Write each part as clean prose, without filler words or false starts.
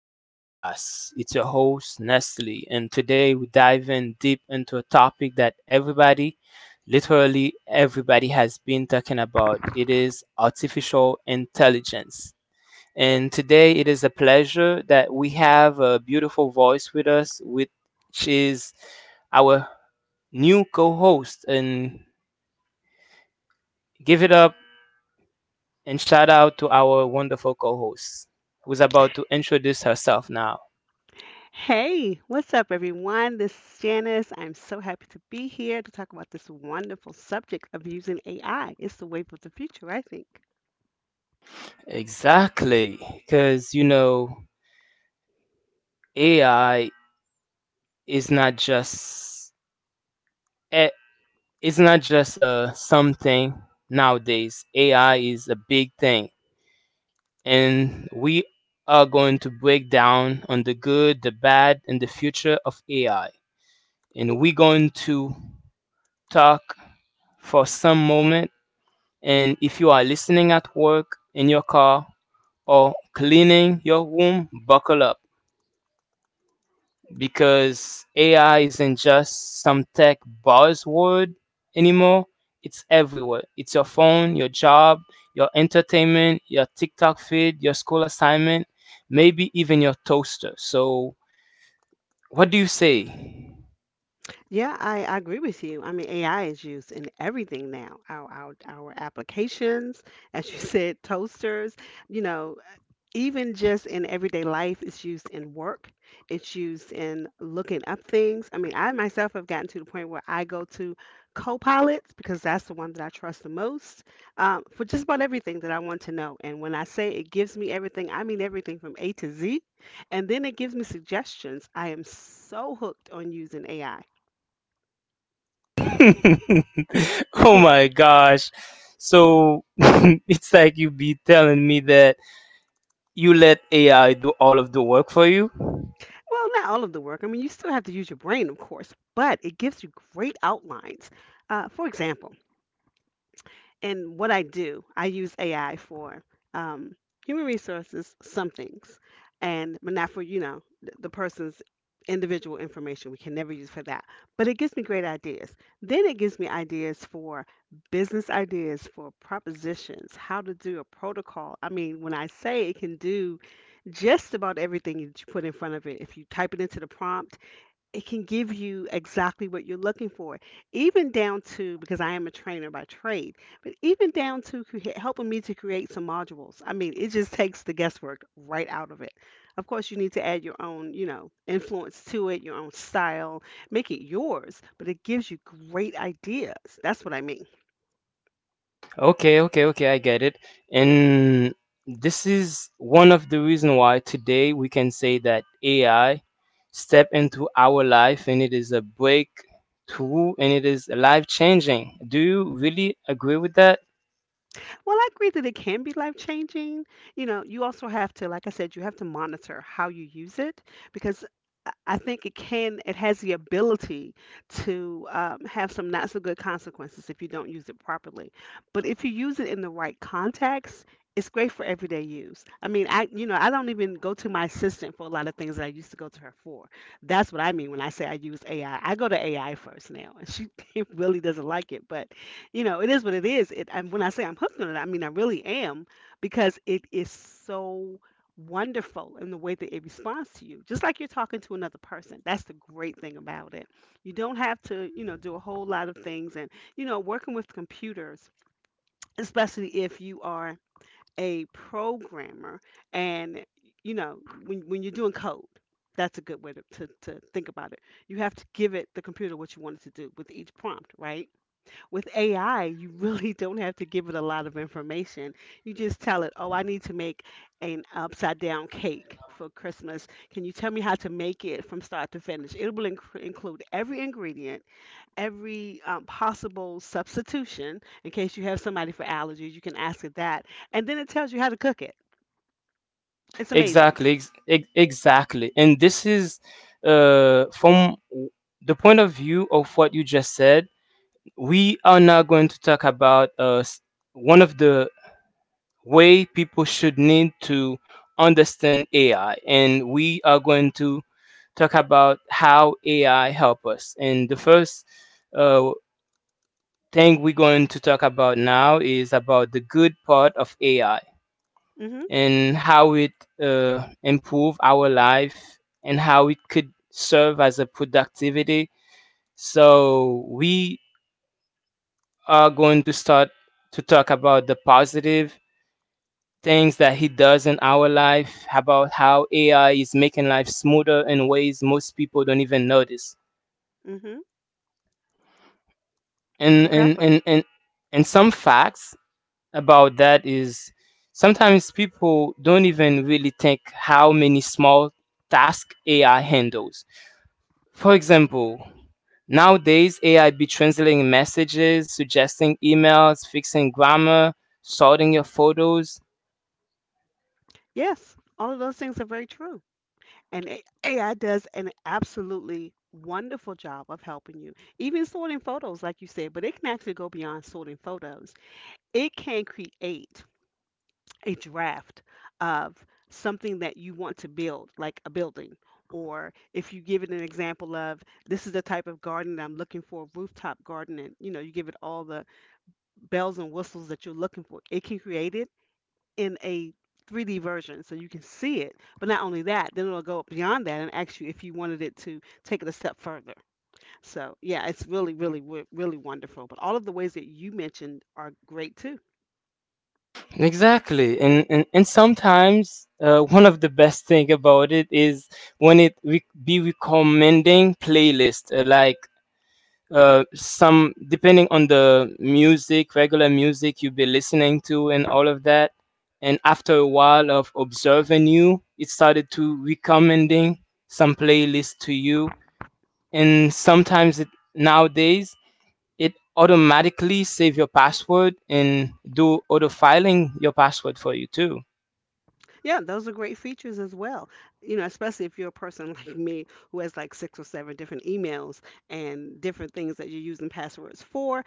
to the podcast. It's your host, Nestle, and today we dive in deep into a topic that everybody, literally everybody, has been talking about. It is artificial intelligence. And today it is a pleasure that we have a beautiful voice with us, which is our new co host. And give it up. And shout out to our wonderful co host who's about to introduce herself now. Hey, what's up, everyone? This is Janice. I'm so happy to be here to talk about this wonderful subject of using AI. It's the wave of the future, I think. Exactly. Because, you know, AI is eh, not just something nowadays. AI is a big thing. And we are going to break down on the good, the bad, and the future of AI. And we're going to talk for some moment. And if you are listening at work, in your car, or cleaning your room, buckle up because AI isn't just some tech buzzword anymore. It's everywhere. It's your phone, your job, your entertainment, your TikTok feed, your school assignment, maybe even your toaster. So, what do you say? Yeah, I agree with you. I mean, AI is used in everything now. Our applications, as you said, toasters, you know, even just in everyday life, it's used in work. It's used in looking up things. I mean, I myself have gotten to the point where I go to Copilots because that's the one that I trust the most for just about everything that I want to know. And when I say it gives me everything, I mean everything from A to Z. And then it gives me suggestions. I am so hooked on using AI. Oh my gosh. So, it's like you be telling me that you let AI do all of the work for you? Well, not all of the work. I mean, you still have to use your brain, of course, but it gives you great outlines. For example, in what I do, I use AI for um, human resources, some things, and but not for, the person's individual information. We can never use for that. But it gives me great ideas. Then it gives me ideas for business ideas, for propositions, how to do a protocol. I mean, when I say it can do just about everything that you put in front of it. If you type it into the prompt, it can give you exactly what you're looking for, even down to because I am a trainer by trade, but even down to helping me to create some modules. I mean, it just takes the guesswork right out of it. Of course, you need to add your own, influence to it, your own style, make it yours, but it gives you great ideas. That's what I mean. Okay, okay, okay, I get it. And this is one of the reason why today we can say that AI step into our life and it is a breakthrough and it is life changing. Do you really agree with that? Well, I agree that it can be life changing. You know, you also have to, like I said, you have to monitor how you use it because I think it can, it has the ability to have some not so good consequences if you don't use it properly. But if you use it in the right context, it's great for everyday use. I mean, I, I don't even go to my assistant for a lot of things that I used to go to her for. That's what I mean when I say I use AI. I go to AI first now, and she really doesn't like it, but it is what it is. It, and when I say I'm hooked on it, I mean I really am because it is so wonderful in the way that it responds to you, just like you're talking to another person. That's the great thing about it. You don't have to, do a whole lot of things. And, working with computers, especially if you are a programmer and, you know, when you're doing code, that's a good way to think about it. You have to give it the computer what you want it to do with each prompt, right? With AI, you really don't have to give it a lot of information. You just tell it, "Oh, I need to make an upside down cake for Christmas. Can you tell me how to make it from start to finish?" It will include every ingredient, every possible substitution. In case you have somebody for allergies, you can ask it that, and then it tells you how to cook it. It's amazing. Exactly, exactly. And this is uh, from w- the point of view of what you just said. We are now going to talk about one of the way people should need to understand AI, and we are going to talk about how AI help us. And the first uh, thing we're going to talk about now is about the good part of AI Mhm. and how it improve our life and how it could serve as a productivity. So we are going to start to talk about the positive things that he does in our life, about how AI is making life smoother in ways most people don't even notice. Mhm. And and Exactly. and and, and some facts about that is sometimes people don't even really think how many small tasks AI handles. For example, nowadays AI be translating messages, suggesting emails, fixing grammar, sorting your photos. Yes, all of those things are very true. And AI does an absolutely wonderful job of helping you, even sorting photos, like you said, but it can actually go beyond sorting photos. It can create a draft of something that you want to build, like a building. Or if you give it an example of this is the type of garden that I'm looking for, rooftop garden, and you give it all the bells and whistles that you're looking for, it can create it in a 3D version so you can see it. But not only that, then it'll go beyond that and ask you if you wanted it to take it a step further. So, yeah, it's really, really, really wonderful. But all of the ways that you mentioned are great too. Exactly, and sometimes one of the best thing about it is when it be recommending playlist like some depending on the music, regular music you be listening to, and all of that. And after a while of observing you, it started to recommending some playlist to you. And sometimes it nowadays it automatically save your password and do auto filing your password for you too. Yeah, those are great features as well. You know, especially if you're a person like me who has like six or seven different emails and different things that you're using passwords for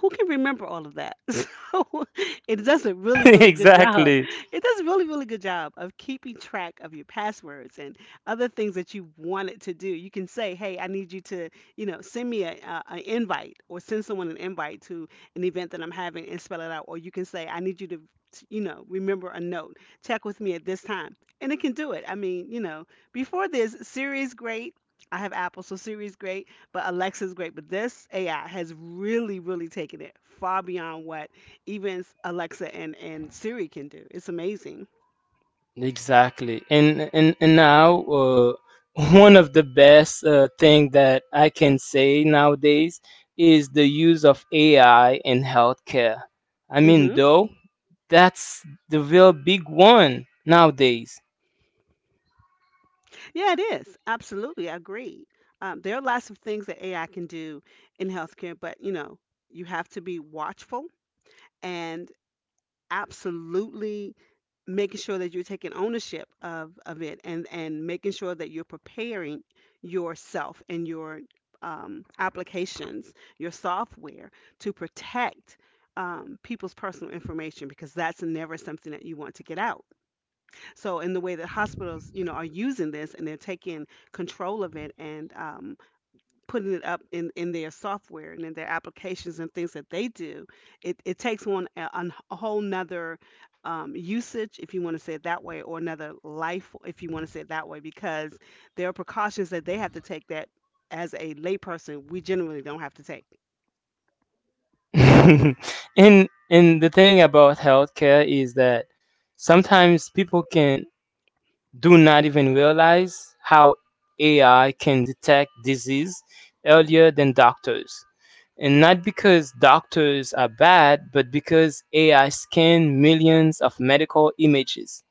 who can remember all of that? So it does a really, really good job. Exactly. It does a really, really good job of keeping track of your passwords and other things that you want it to do. You can say, hey, I need you to, send me a, an invite or send someone an invite to an event that I'm having and spell it out. Or you can say, I need you to, remember a note. Check with me at this time. And it can do it. I mean, before this, Siri is great. I have Apple, so Siri is great but Alexa's great. But this AI has really, really taken it far beyond what even Alexa and Siri can do. It's amazing. And now uh, one of the best thing that I can say nowadays is the use of AI in healthcare. I mean Hmm. though that's the real big one nowadays. Yeah, it is. Absolutely. I agree. There are lots of things that AI can do in healthcare, but you know, you have to be watchful and absolutely making sure that you're taking ownership of it and making sure that you're preparing yourself and your applications your software to protect people's personal information because that's never something that you want to get out so in the way that hospitals you know are using this and they're taking control of it and putting it up in their software and in their applications and things that they do it, it takes on a whole nother usage if you want to say it that way or another life if you want to say it that way because there are precautions that they have to take that as a layperson we generally don't have to take. and and the thing about healthcare is that sometimes people can do not even realize how AI can detect disease Mm-hmm. earlier than doctors. And not because doctors are bad, but because AI scanned millions of medical images.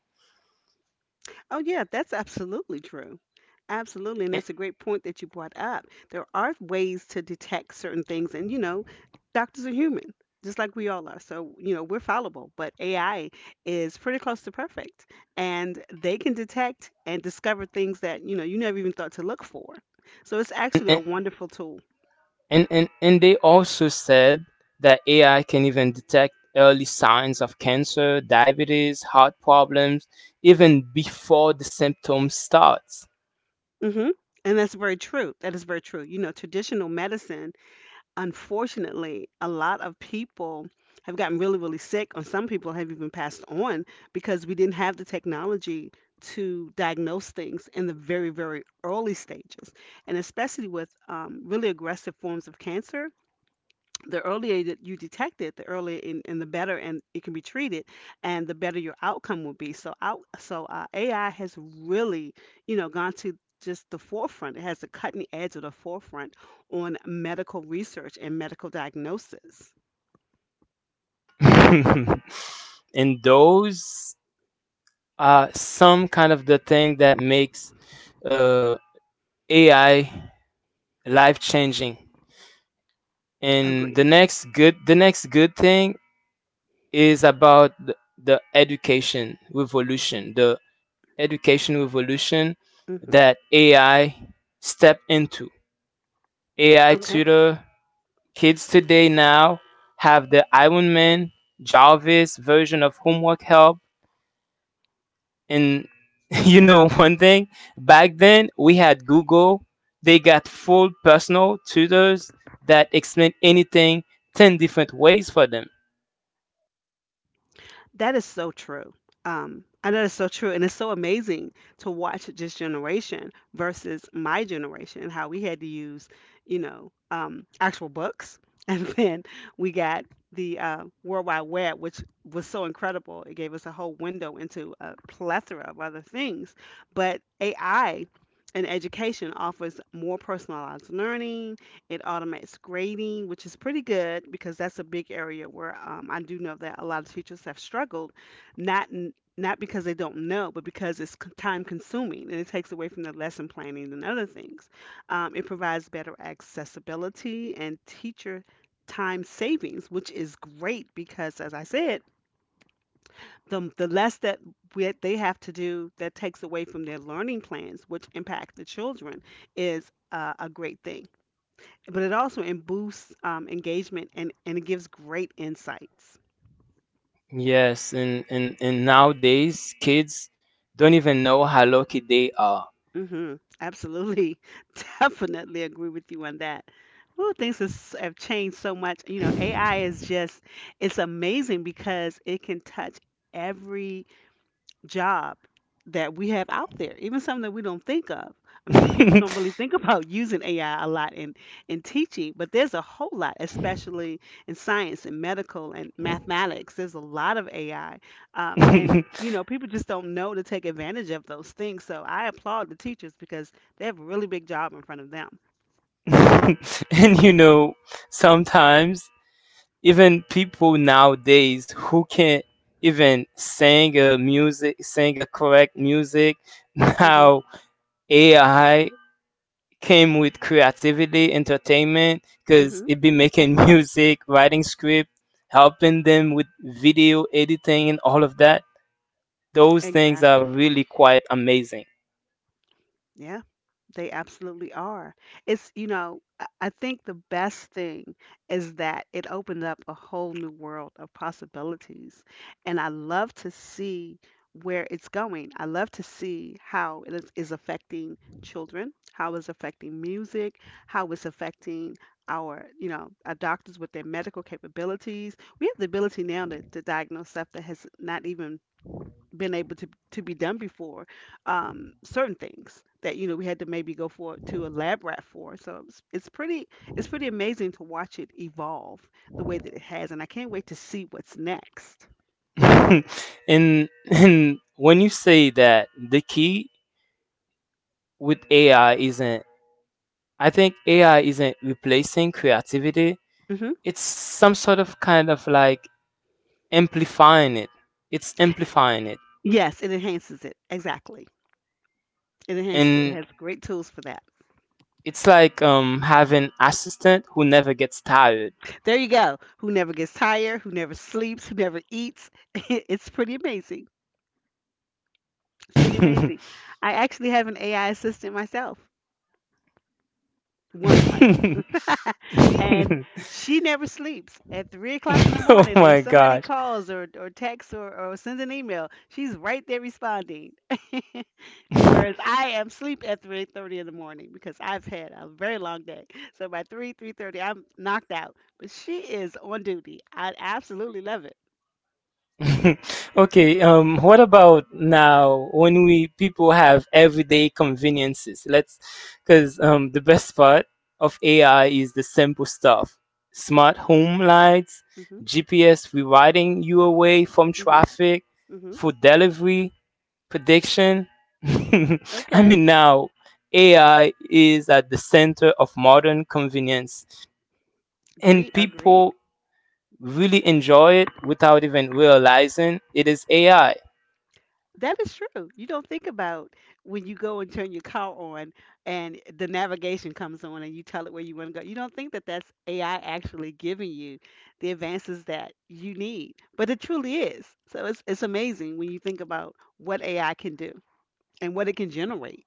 Oh, yeah, that's absolutely true. Absolutely. And And, that's a great point that you brought up. There are ways to detect certain things. And, you know, doctors are human, just like we all are. So, you know, we're fallible, but AI is pretty close to perfect. And they can detect and discover things that, you know, you never even thought to look for. So it's actually a and, wonderful tool. and they also said that AI can even detect early signs of cancer, diabetes, heart problems, even before the symptoms starts. Hmm. And that's very true. That is very true. You know, traditional medicine unfortunately, a lot of people have gotten really, really sick, and some people have even passed on because we didn't have the technology to diagnose things in the very, very early stages. And especially with really aggressive forms of cancer, the earlier that you detect it, the earlier and the better, and it can be treated, and the better your outcome will be. So out, so AI has really, gone to just the forefront. It has the cutting edge of the forefront on medical research and medical diagnosis. And those are some kind of the thing that makes uh, AI life changing. And Agreed. the next good, the next good thing is about the education revolution, the education revolution Hmm. that AI stepped into. AI Okay. tutor. Kids today now have the Iron Man Jarvis version of homework help. And you know, one thing, back then we had Google, they got full personal tutors that explain anything 10 different ways for them. That is so true. I know that's so true, and it's so amazing to watch this generation versus my generation, how we had to use, actual books, and then we got the World Wide Web, which was so incredible. It gave us a whole window into a plethora of other things. But AI in education offers more personalized learning, it automates grading, which is pretty good because that's a big area where I do know that a lot of teachers have struggled, not because they don't know, but because it's time consuming and it takes away from the lesson planning and other things. It provides better accessibility and teacher time savings, which is great because, as I said, the less that we, they have to do that takes away from their learning plans, which impact the children, is a great thing but it also boosts engagement and it gives great insights. Yes, and nowadays kids don't even know how lucky they are. Hmm. Absolutely. Definitely agree with you on that. Well, things have changed so much. You know, AI is just, it's amazing because it can touch every job that we have out there, even something that we don't think of. I mean, people and don't really think about using AI a lot in teaching, but there's a whole lot, especially in science and medical and mathematics. There's a lot of AI. And, you know, people just don't know to take advantage of those things. So I applaud the teachers because they have a really big job in front of them. you know, sometimes even people nowadays who can't even sing a music, sing a correct music, hmm now AI came with creativity, entertainment, because hmm it be making music, writing script, helping them with video editing and all of that. Those things are Exactly. really quite amazing. Yeah, they absolutely are. It's I think the best thing is that it opened up a whole new world of possibilities. And I love to see where it's going. I love to see how it is affecting children, how it's affecting music, how it's affecting our doctors with their medical capabilities. We have the ability now to diagnose stuff that has not even been able to be done before, certain things that you know we had to maybe go for to a lab rat for. So it's pretty, it's pretty amazing to watch it evolve the way that it has, and I can't wait to see what's next. And when you say that the key with AI isn't replacing creativity. hmm It's some sort of kind of like amplifying it. It's amplifying it. yes, it enhances it, exactly. It enhances it. It And has great tools for that. it's like having assistant who never gets tired. There you go, who never gets tired, who never sleeps, who never eats. It's pretty amazing. It's pretty amazing. I actually have an AI assistant myself, one of my sisters. And she never sleeps. At 3 o'clock in the Oh morning, if my somebody gosh. calls or texts or sends an email, she's right there responding. Whereas I am sleep at 3:30 in the morning because I've had a very long day. So by three thirty, I'm knocked out. But she is on duty. I absolutely love it. Okay, what about now when we people have everyday conveniences? Let's Because the best part of AI is the simple stuff. Smart home lights, Mhm. GPS rewriting you away from Mhm. traffic, Mhm. food delivery prediction. I Okay. mean now AI is at the center of modern convenience, and Agreed, agreed. people really enjoy it without even realizing it is AI. That is true. You don't think about when you go and turn your car on and the navigation comes on and you tell it where you want to go. You don't think that that's AI actually giving you the advances that you need, but it truly is. So it's amazing when you think about what AI can do and what it can generate.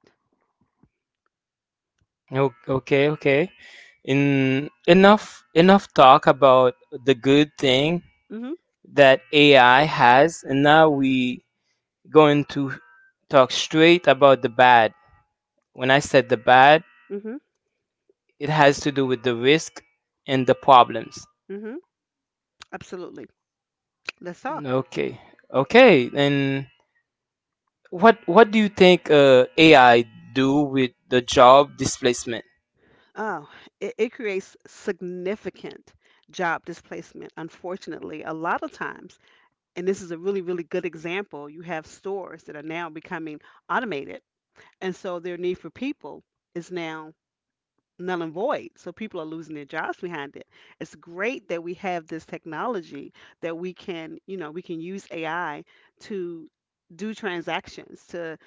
Okay, okay. In enough Enough talk about the good thing Mhm. that AI has, and now we going to talk straight about the bad. When I said the bad, Mhm. it has to do with the risk and the problems. Mhm. Absolutely. Let's talk. Okay. Okay, then, what do you think AI do with the job displacement? Oh, it creates significant job displacement. Unfortunately, a lot of times, and this is a really, really good example. You have stores that are now becoming automated. And so their need for people is now null and void. So people are losing their jobs behind it. It's great that we have this technology that we can, you know, we can use AI to do transactions, to,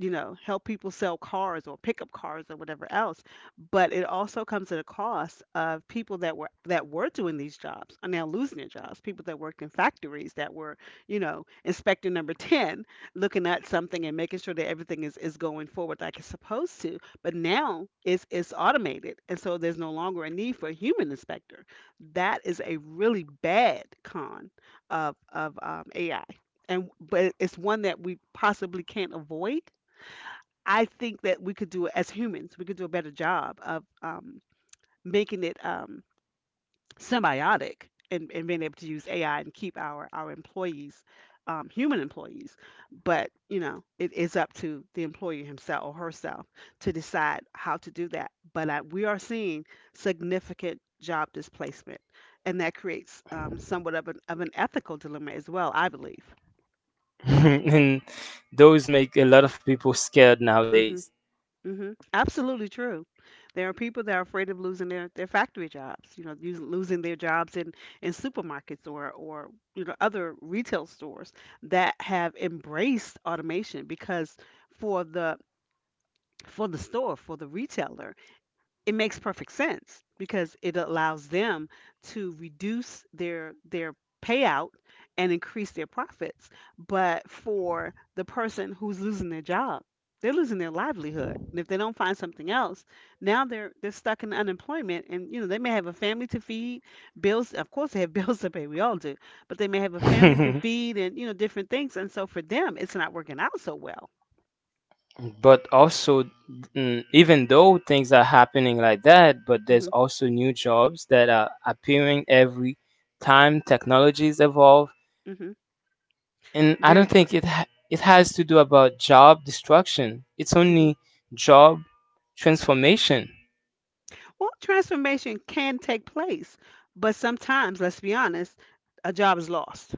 you know, help people sell cars or pick up cars or whatever else. But it also comes at a cost of people that were doing these jobs are now losing their jobs. People that worked in factories that were, you know, inspector number 10, looking at something and making sure that everything is going forward like it's supposed to. But now it's automated. And so there's no longer a need for a human inspector. That is a really bad con of AI, and but it's one that we possibly can't avoid. I think that we could do as humans, we could do a better job of, making it, symbiotic, and being able to use AI and keep our employees, human employees. But you know, it is up to the employer himself or herself to decide how to do that. But we are seeing significant job displacement, and that creates, somewhat of an ethical dilemma as well, I believe. And those make a lot of people scared nowadays. Absolutely true. There are people that are afraid of losing their factory jobs, you know, losing their jobs in supermarkets or, you know, other retail stores that have embraced automation because for the for the store, for the retailer, it makes perfect sense because it allows them to reduce their payout and increase their profits. But for the person who's losing their job, they're losing their livelihood, and if they don't find something else, now they're stuck in unemployment, and you know they may have a family to feed. Bills, of course they have bills to pay, we all do. But they may have a family to feed and you know different things, and so for them it's not working out so well. But also, even though things are happening like that, but there's mhm also new jobs that are appearing every time technologies evolve. mhm And I don't Very true. think it it has to do about job destruction. It's Mhm. only job transformation. Well, transformation can take place, but sometimes, let's be honest, a job is lost.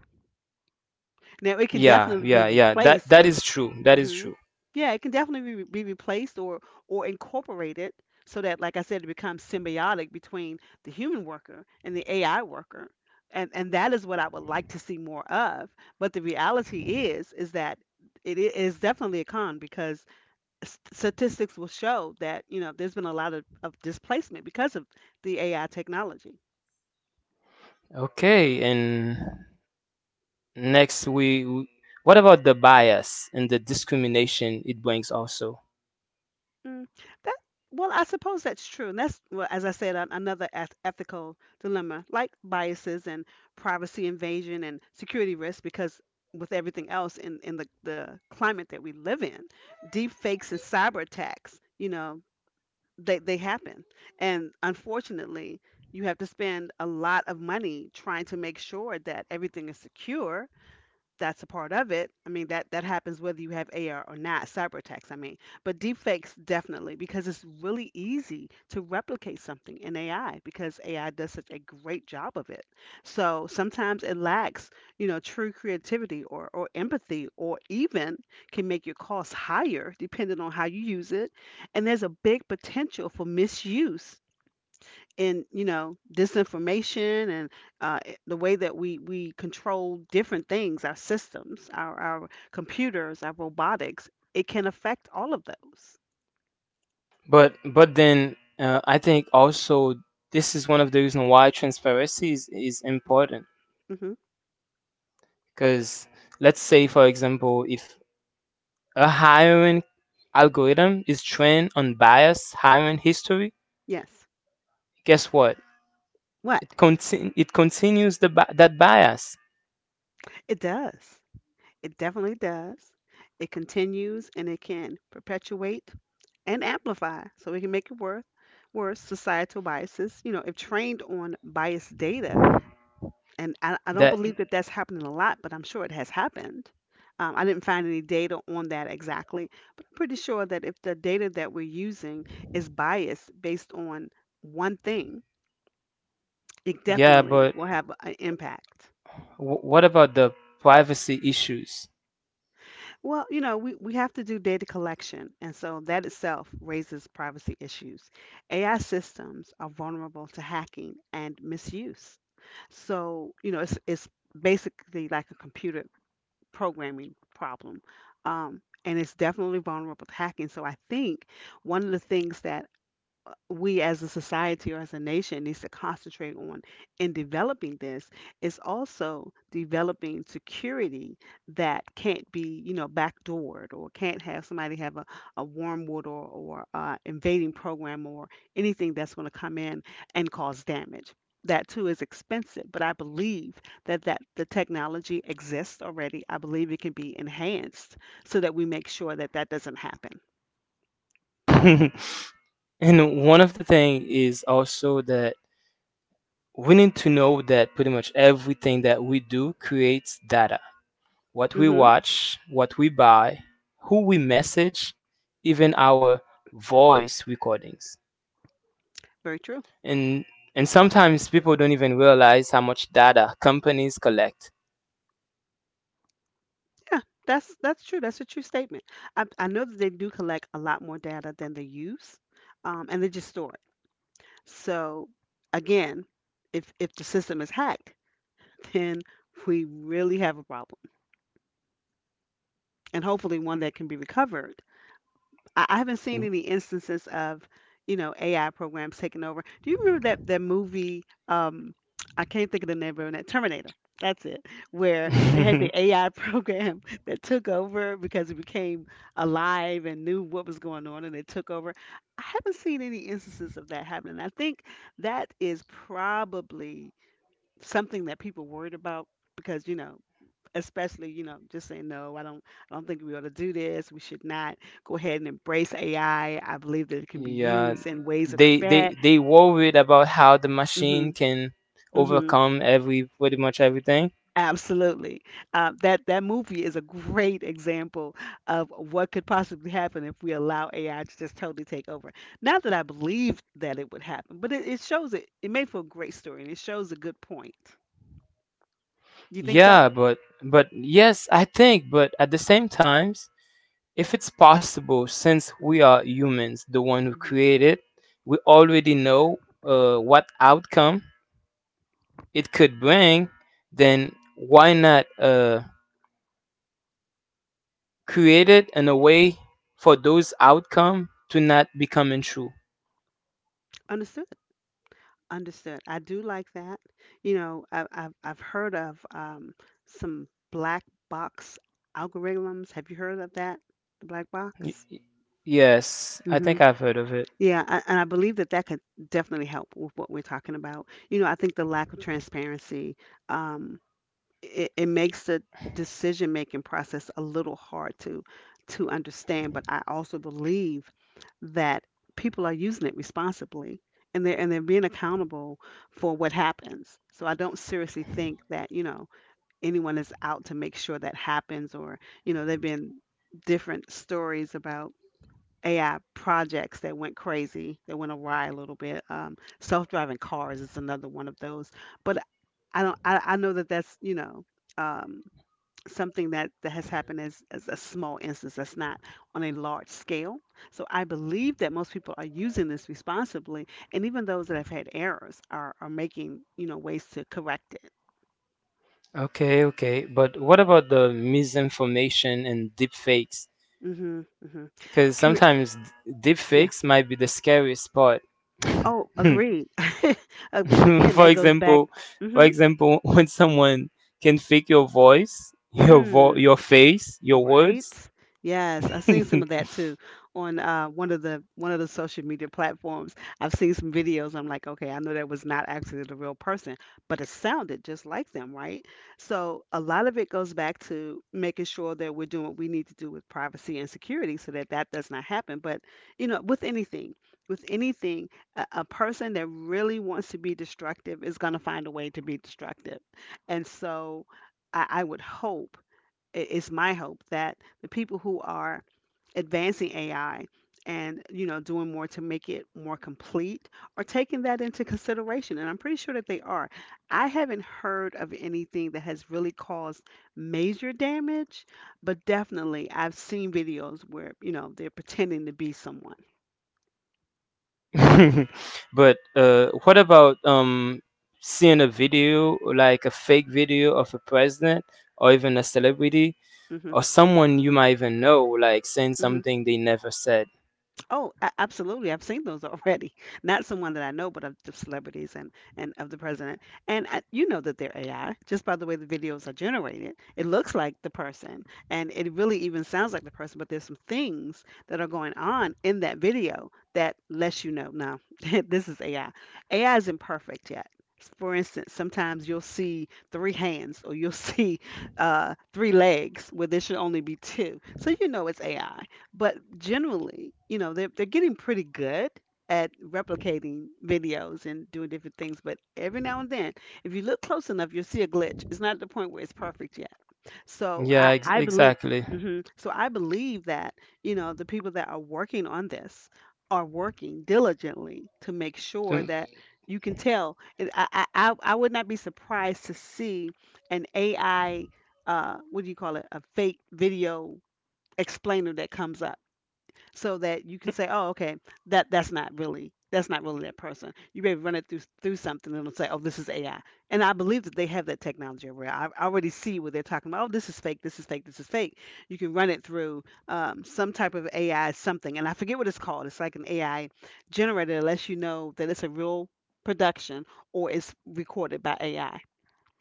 Now, it can Yeah, definitely be yeah, yeah. That replaced, that and is true. That is hmm true. yeah, it can definitely be replaced or incorporated so that, like I said, it becomes symbiotic between the human worker and the AI worker, and that is what I would like to see more of. But the reality is that is definitely a con because statistics will show that you know there's been a lot of displacement because of the AI technology. Okay, and next what about the bias and the discrimination it brings also? Mm, that well, I suppose that's true, and that's well, as I said, another ethical dilemma, like biases and privacy invasion and security risk, because with everything else in the climate that we live in, deep fakes and cyber attacks, you know, they happen, and unfortunately. You have to spend a lot of money trying to make sure that everything is secure. That's a part of it. I mean that that happens whether you have AR or not, cyber attacks, I mean. But deepfakes definitely, because it's really easy to replicate something in AI because AI does such a great job of it. So sometimes it lacks, you know, true creativity or empathy, or even can make your costs higher depending on how you use it. And there's a big potential for misuse in you know disinformation and, the way that we control different things, our systems, our computers, our robotics. It can affect all of those. But then I think also this is one of the reasons why transparency is important. hmm Because let's say for example, if a hiring algorithm is trained on biased hiring history. yes. Guess what? What? It continues that bias. It does. It definitely does. It continues, and it can perpetuate and amplify, so it can make it worse, worse societal biases, you know, if trained on biased data. And I don't That believe that that's happening a lot, but I'm sure it has happened. I didn't find any data on that exactly, but I'm pretty sure that if the data that we're using is biased based on one thing, it yeah, definitely but will have an impact. What about the privacy issues? Well, you know, we have to do data collection, and so that itself raises privacy issues. AI systems are vulnerable to hacking and misuse. So, you know, it's basically like a computer programming problem. And it's definitely vulnerable to hacking. So I think one of the things that we as a society or as a nation needs to concentrate on in developing this is also developing security that can't be you know backdoored, or can't have somebody have a wormwood, or invading program or anything that's going to come in and cause damage. That too is expensive, but I believe that the technology exists already. I believe it can be enhanced so that we make sure that that doesn't happen. And one of the thing is also that we need to know that pretty much everything that we do creates data. What we hmm watch, what we buy, who we message, even our voice recordings. Very true. And sometimes people don't even realize how much data companies collect. Yeah, that's true. That's a true statement. I know that they do collect a lot more data than they use, and they just store it. So again, if the system is hacked, then we really have a problem, and hopefully one that can be recovered. I haven't seen any instances of, you know, AI programs taking over. Do you remember that movie? I can't think of the name of it. Terminator. That's it. Where they had the AI program that took over because it became alive and knew what was going on, and it took over. I haven't seen any instances of that happening. I think that is probably something that people worried about because you know, especially you know, just saying no, I don't think we ought to do this, we should not go ahead and embrace AI. I believe that it can be Yeah, used in ways that are they bad. they they worried about how the machine hmm can hmm overcome every pretty much everything. Absolutely. That that movie is a great example of what could possibly happen if we allow AI to just totally take over. Not that I believe that it would happen, but it shows it, it made for a great story and it shows a good point. You think so? Yeah, but yes, I think but at the same times, if it's possible since hmm we are humans the one who created, we already know what outcome it could bring, then why not created in a way for those outcome to not becoming true. Understood. Understood. I do like that. You know, I've heard of, some black box algorithms. Have you heard of that? The black Y- box. y- Yes, I hmm think I've heard of it. Yeah, and I believe that that could definitely help with what we're talking about. You know, I think the lack of transparency. Um, it makes the decision making process a little hard to understand, but I also believe that people are using it responsibly, and they're being accountable for what happens. So I don't seriously think that you know anyone is out to make sure that happens. Or you know there've been different stories about AI projects that went crazy, that went awry a little bit. Self-driving cars is another one of those. But I don't. I know that that's um, something that has happened as a small instance. That's not on a large scale. So I believe that most people are using this responsibly, and even those that have had errors are making you know ways to correct it. Okay, okay. But what about the misinformation and deep fakes? hmm hmm Because Cur- sometimes deep yeah. fakes might be the scariest part. Oh, agreed. But again, for that goes back. example, for hmm example, when someone can fake your voice, Mm. your face, your words. Right? Yes, I've seen some of that too on one of the social media platforms. I've seen some videos. I'm like, okay, I know that was not actually the real person, but it sounded just like them, right? So a lot of it goes back to making sure that we're doing what we need to do with privacy and security, so that that does not happen. But you know, with anything, a person that really wants to be destructive is going to find a way to be destructive, and so I would hope it's my hope that the people who are advancing AI and you know doing more to make it more complete are taking that into consideration, and I'm pretty sure that they are. I haven't heard of anything that has really caused major damage, but definitely I've seen videos where you know they're pretending to be someone. But what about seeing a video, like a fake video of a president or even a celebrity Mhm. or someone you might even know, like saying Mhm. something they never said? Oh, absolutely. I've seen those already. Not someone that I know, but of the celebrities and of the president. And you know that they're AI just by the way the videos are generated. It looks like the person, and it really even sounds like the person. But there's some things that are going on in that video that lets you know, no, this is AI. AI isn't perfect yet. For instance, sometimes you'll see three hands, or you'll see three legs where there should only be two. So you know it's AI. But generally, you know, they're getting pretty good at replicating videos and doing different things. But every now and then, if you look close enough, you'll see a glitch. It's not at the point where it's perfect yet. So Yeah, I I believe. exactly. So I believe that you know the people that are working on this are working diligently to make sure do that you can tell. And I would not be surprised to see an AI, what do you call it, a fake video explainer that comes up so that you can say, "Oh, okay, that's not really that's not really that person." You may run it through something and it'll say, "Oh, this is AI." And I believe that they have that technology over there. I already see what they're talking about. Oh, this is fake. This is fake. This is fake. You can run it through some type of AI something, and I forget what it's called. It's like an AI generator, unless you know that it's a real production or it's recorded by AI.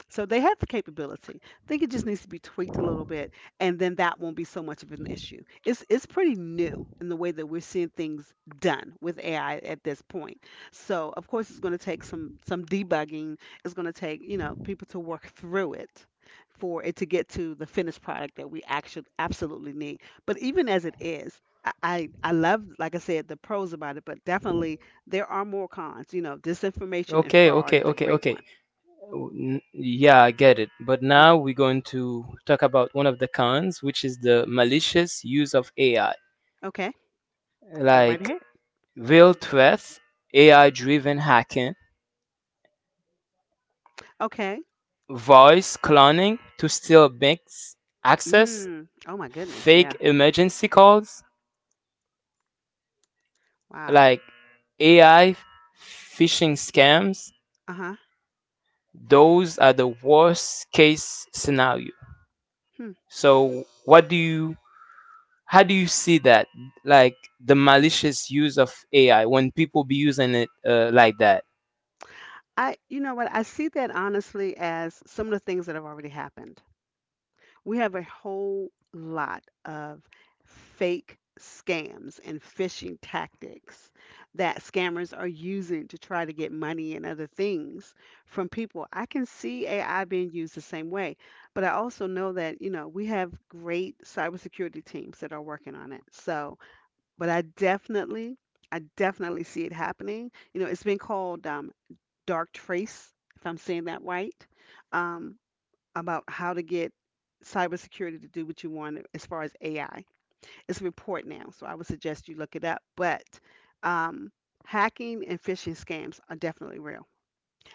So they have the capability. I think it just needs to be tweaked a little bit, and then that won't be so much of an issue. It's pretty new in the way that we're seeing things done with AI at this point. So of course it's going to take some debugging. It's going to take you know people to work through it for it to get to the finished product that we actually absolutely need. But even as it is. I love, like I said, the pros about it, but definitely there are more cons. You know, disinformation and Okay, fraud okay, is a okay, great okay. one. Yeah, I get it. But hmm now we're going to talk about one of the cons, which is the malicious use of AI, Okay. Go right like ahead. real threats, AI driven hacking, Okay. voice cloning to steal mix access, Mm. Oh my goodness. Yeah. fake emergency calls, Wow. like AI phishing scams. Uh huh. Those are the worst case scenario. Hmm. So, how do you see that? Like the malicious use of AI when people be using it like that? I. You know what? I see that honestly as some of the things that have already happened. We have a whole lot of fake scams and phishing tactics that scammers are using to try to get money and other things from people. I can see AI being used the same way, but I also know that, you know, we have great cybersecurity teams that are working on it. So, but I definitely see it happening. You know, it's been called dark trace, if I'm saying that right, um, about how to get cybersecurity to do what you want as far as AI. It's a report now, so I would suggest you look it up. But um, Hacking and phishing scams are definitely real.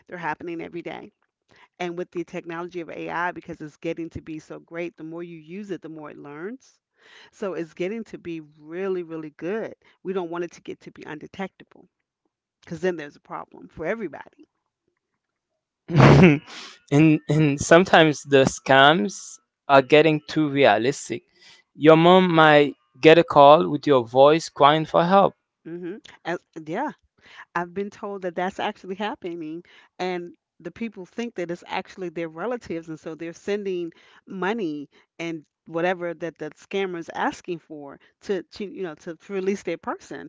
They're happening every day. And with the technology of AI, because it's getting to be so great, the more you use it, the more it learns. So it's getting to be really, really good. We don't want it to get to be undetectable, because then there's a problem for everybody. And sometimes the scams are getting too realistic. Your mom might get a call with your voice crying for help. hmm yeah, I've been told that that's actually happening, and the people think that it's actually their relatives, and so they're sending money and whatever that the scammer's asking for to, to release their person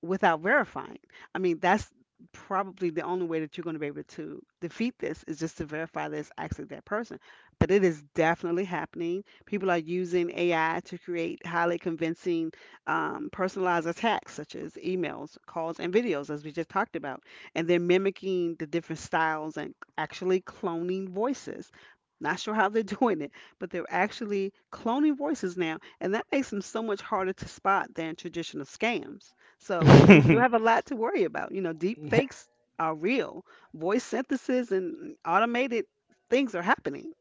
without verifying. I mean, that's probably the only way that you're going to be able to defeat this is just to verify that it's actually that person. But it is definitely happening. People are using AI to create highly convincing, personalized attacks, such as emails, calls, and videos, as we just talked about. And they're mimicking the different styles and actually cloning voices. Not sure how they're doing it, but they're actually cloning voices now, and that makes them so much harder to spot than traditional scams. So we still And have a lot to worry about. You know, deep fakes are real. Voice synthesis and automated things are happening.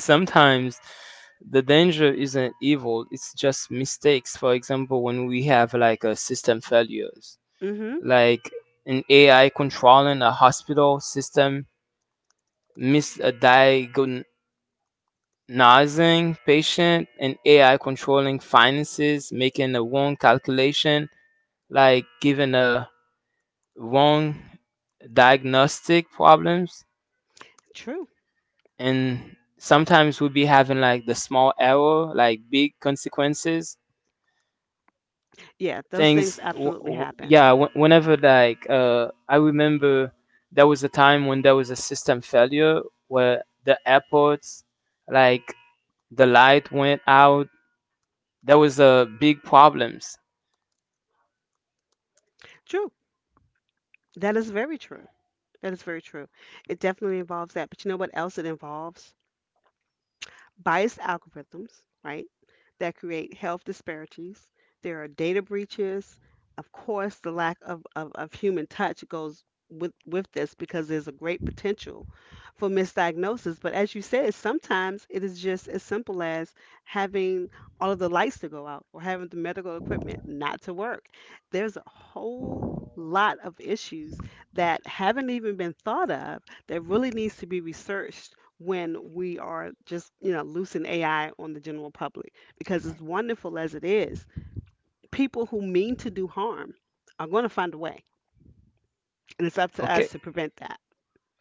sometimes the danger isn't evil, it's just mistakes. For example, when we have like a system failures, hmm like an AI controlling a hospital system, misdiagnosis nursing patient and AI controlling finances, making a wrong calculation, like giving a wrong diagnostic problems, True. and sometimes we'll be having like the small error, like big consequences. Yeah, those things Things, absolutely happen. yeah. Whenever like I remember, there was a time when there was a system failure where the airports, like the light went out. There was a big problems. True. That is very true. That is very true. It definitely involves that. But you know what else it involves? Biased algorithms, right, that create health disparities. There are data breaches. Of course, the lack of human touch goes with this, because there's a great potential for misdiagnosis. But as you said, sometimes it is just as simple as having all of the lights to go out or having the medical equipment not to work. There's a whole lot of issues that haven't even been thought of that really needs to be researched when we are just, you know, loosing AI on the general public. Because as wonderful as it is, people who mean to do harm are going to find a way. And it's up to us Okay. to prevent that.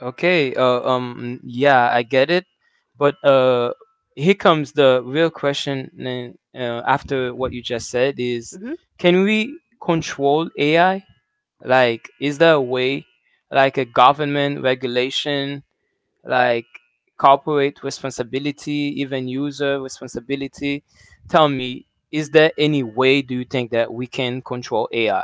Okay, yeah, I get it, but here comes the real question, after what you just said is, hmm can we control AI? Like, is there a way, like a government regulation, like corporate responsibility, even user responsibility. Tell me, is there any way do you think that we can control AI?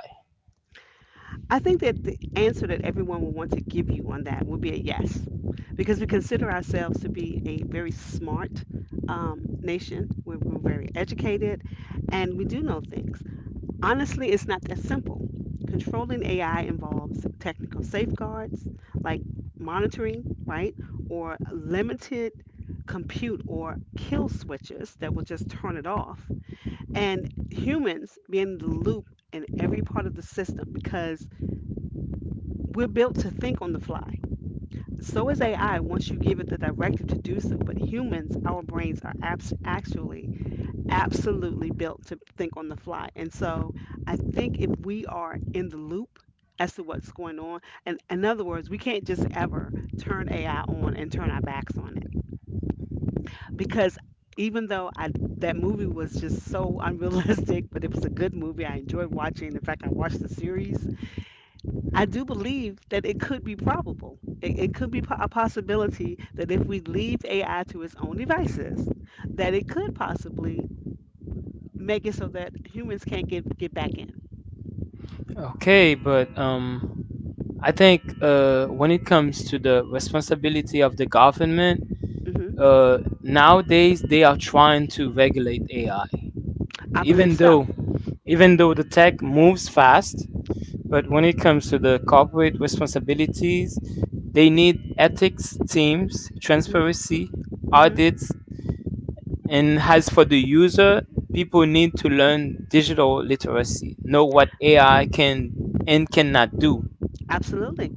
I think that the answer that everyone will want to give you on that would be a yes, because we consider ourselves to be a very smart nation. We're very educated and we do know things. Honestly, it's not that simple. Controlling AI involves technical safeguards like monitoring, right? Or limited compute or kill switches that will just turn it off. And humans being in the loop in every part of the system, because we're built to think on the fly. So is AI once you give it the directive to do so. But humans, our brains are actually absolutely built to think on the fly. And so I think if we are in the loop as to what's going on, and in other words, we can't just ever turn AI on and turn our backs on it, because even though I that movie was just so unrealistic, but it was a good movie. I enjoyed watching. In fact, I watched the series. I do believe that it could be probable. It could be a possibility that if we leave AI to its own devices, that it could possibly make it so that humans can't get back in. Okay, but I think when it comes to the responsibility of the government, hmm uh, nowadays they are trying to regulate AI. I believe Even so. though the tech moves fast, but when it comes to the corporate responsibilities, they need ethics teams, hmm transparency, hmm audits. And as for the user, people need to learn digital literacy, know what AI can and cannot do. Absolutely.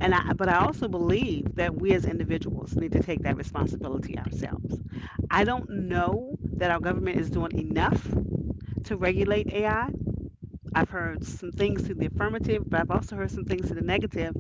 And I also believe that we as individuals need to take that responsibility ourselves. I don't know that our government is doing enough to regulate AI. I've heard some things to the affirmative, but I've also heard some things to the negative.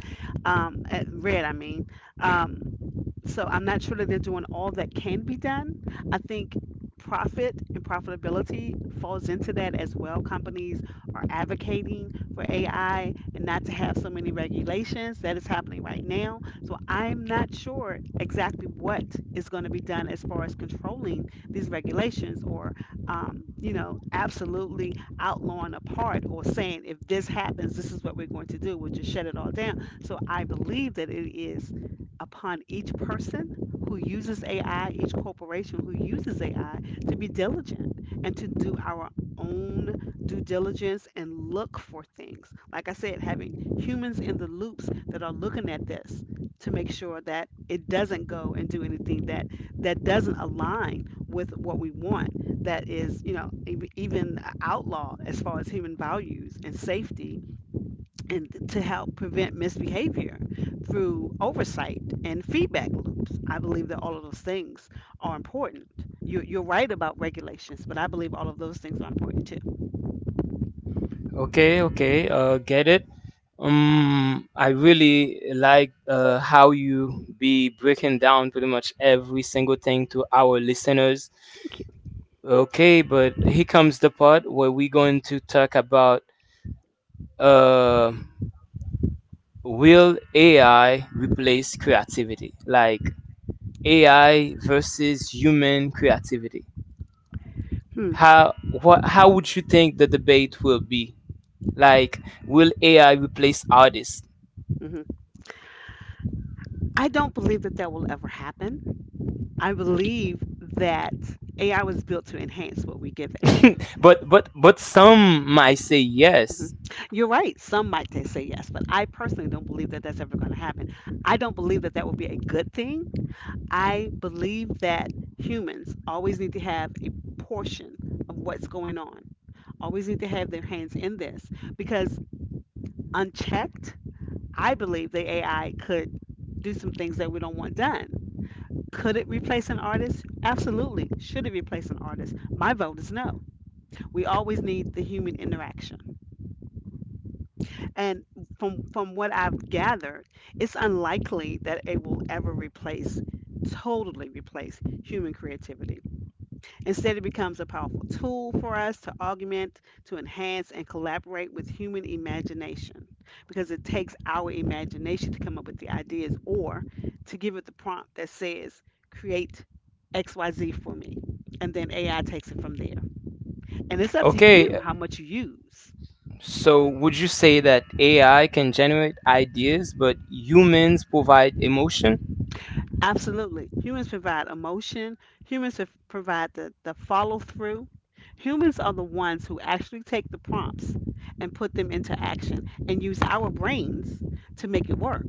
Red, I mean. Um, So I'm not sure that they're doing all that can be done. I think profit and profitability falls into that as well. Companies are advocating for AI and not to have so many regulations that is happening right now. So I'm not sure exactly what is going to be done as far as controlling these regulations, or, you know, absolutely outlawing a part or saying if this happens, this is what we're going to do. We'll just shut it all down. So I believe that it is upon each person who uses AI, each corporation who uses AI, to be diligent and to do our own due diligence and look for things. Like I said, having humans in the loops that are looking at this to make sure that it doesn't go and do anything that doesn't align with what we want that is even outlawed as far as human values and safety and to help prevent misbehavior through oversight and feedback loops. I believe that all of those things are important. You're right about regulations, but I believe all of those things are important too. Okay, okay, get it. I really like how you be breaking down pretty much every single thing to our listeners. Thank you. Okay, but here comes the part where we're going to talk about uh, will AI replace creativity? Like AI versus human creativity. Hmm. How how would you think the debate will be? Like, will AI replace artists? Hmm. I don't believe that that will ever happen. I believe that AI was built to enhance what we give it. But some might say Hmm. yes. You're right. Some might they say yes, but I personally don't believe that that's ever going to happen. I don't believe that that would be a good thing. I believe that humans always need to have a portion of what's going on, always need to have their hands in this because unchecked, I believe the AI could do some things that we don't want done. Could it replace an artist? Absolutely. Should it replace an artist? My vote is no. We always need the human interaction. And from what I've gathered, it's unlikely that it will ever replace, totally replace human creativity. Instead, it becomes a powerful tool for us to augment, to enhance, and collaborate with human imagination, because it takes our imagination to come up with the ideas or to give it the prompt that says, create XYZ for me. And then AI takes it from there. And it's up to Okay, you how much you use. so would you say that AI can generate ideas, but humans provide emotion? Absolutely. Humans provide emotion. Humans have- provide the follow through. Humans are the ones who actually take the prompts and put them into action and use our brains to make it work.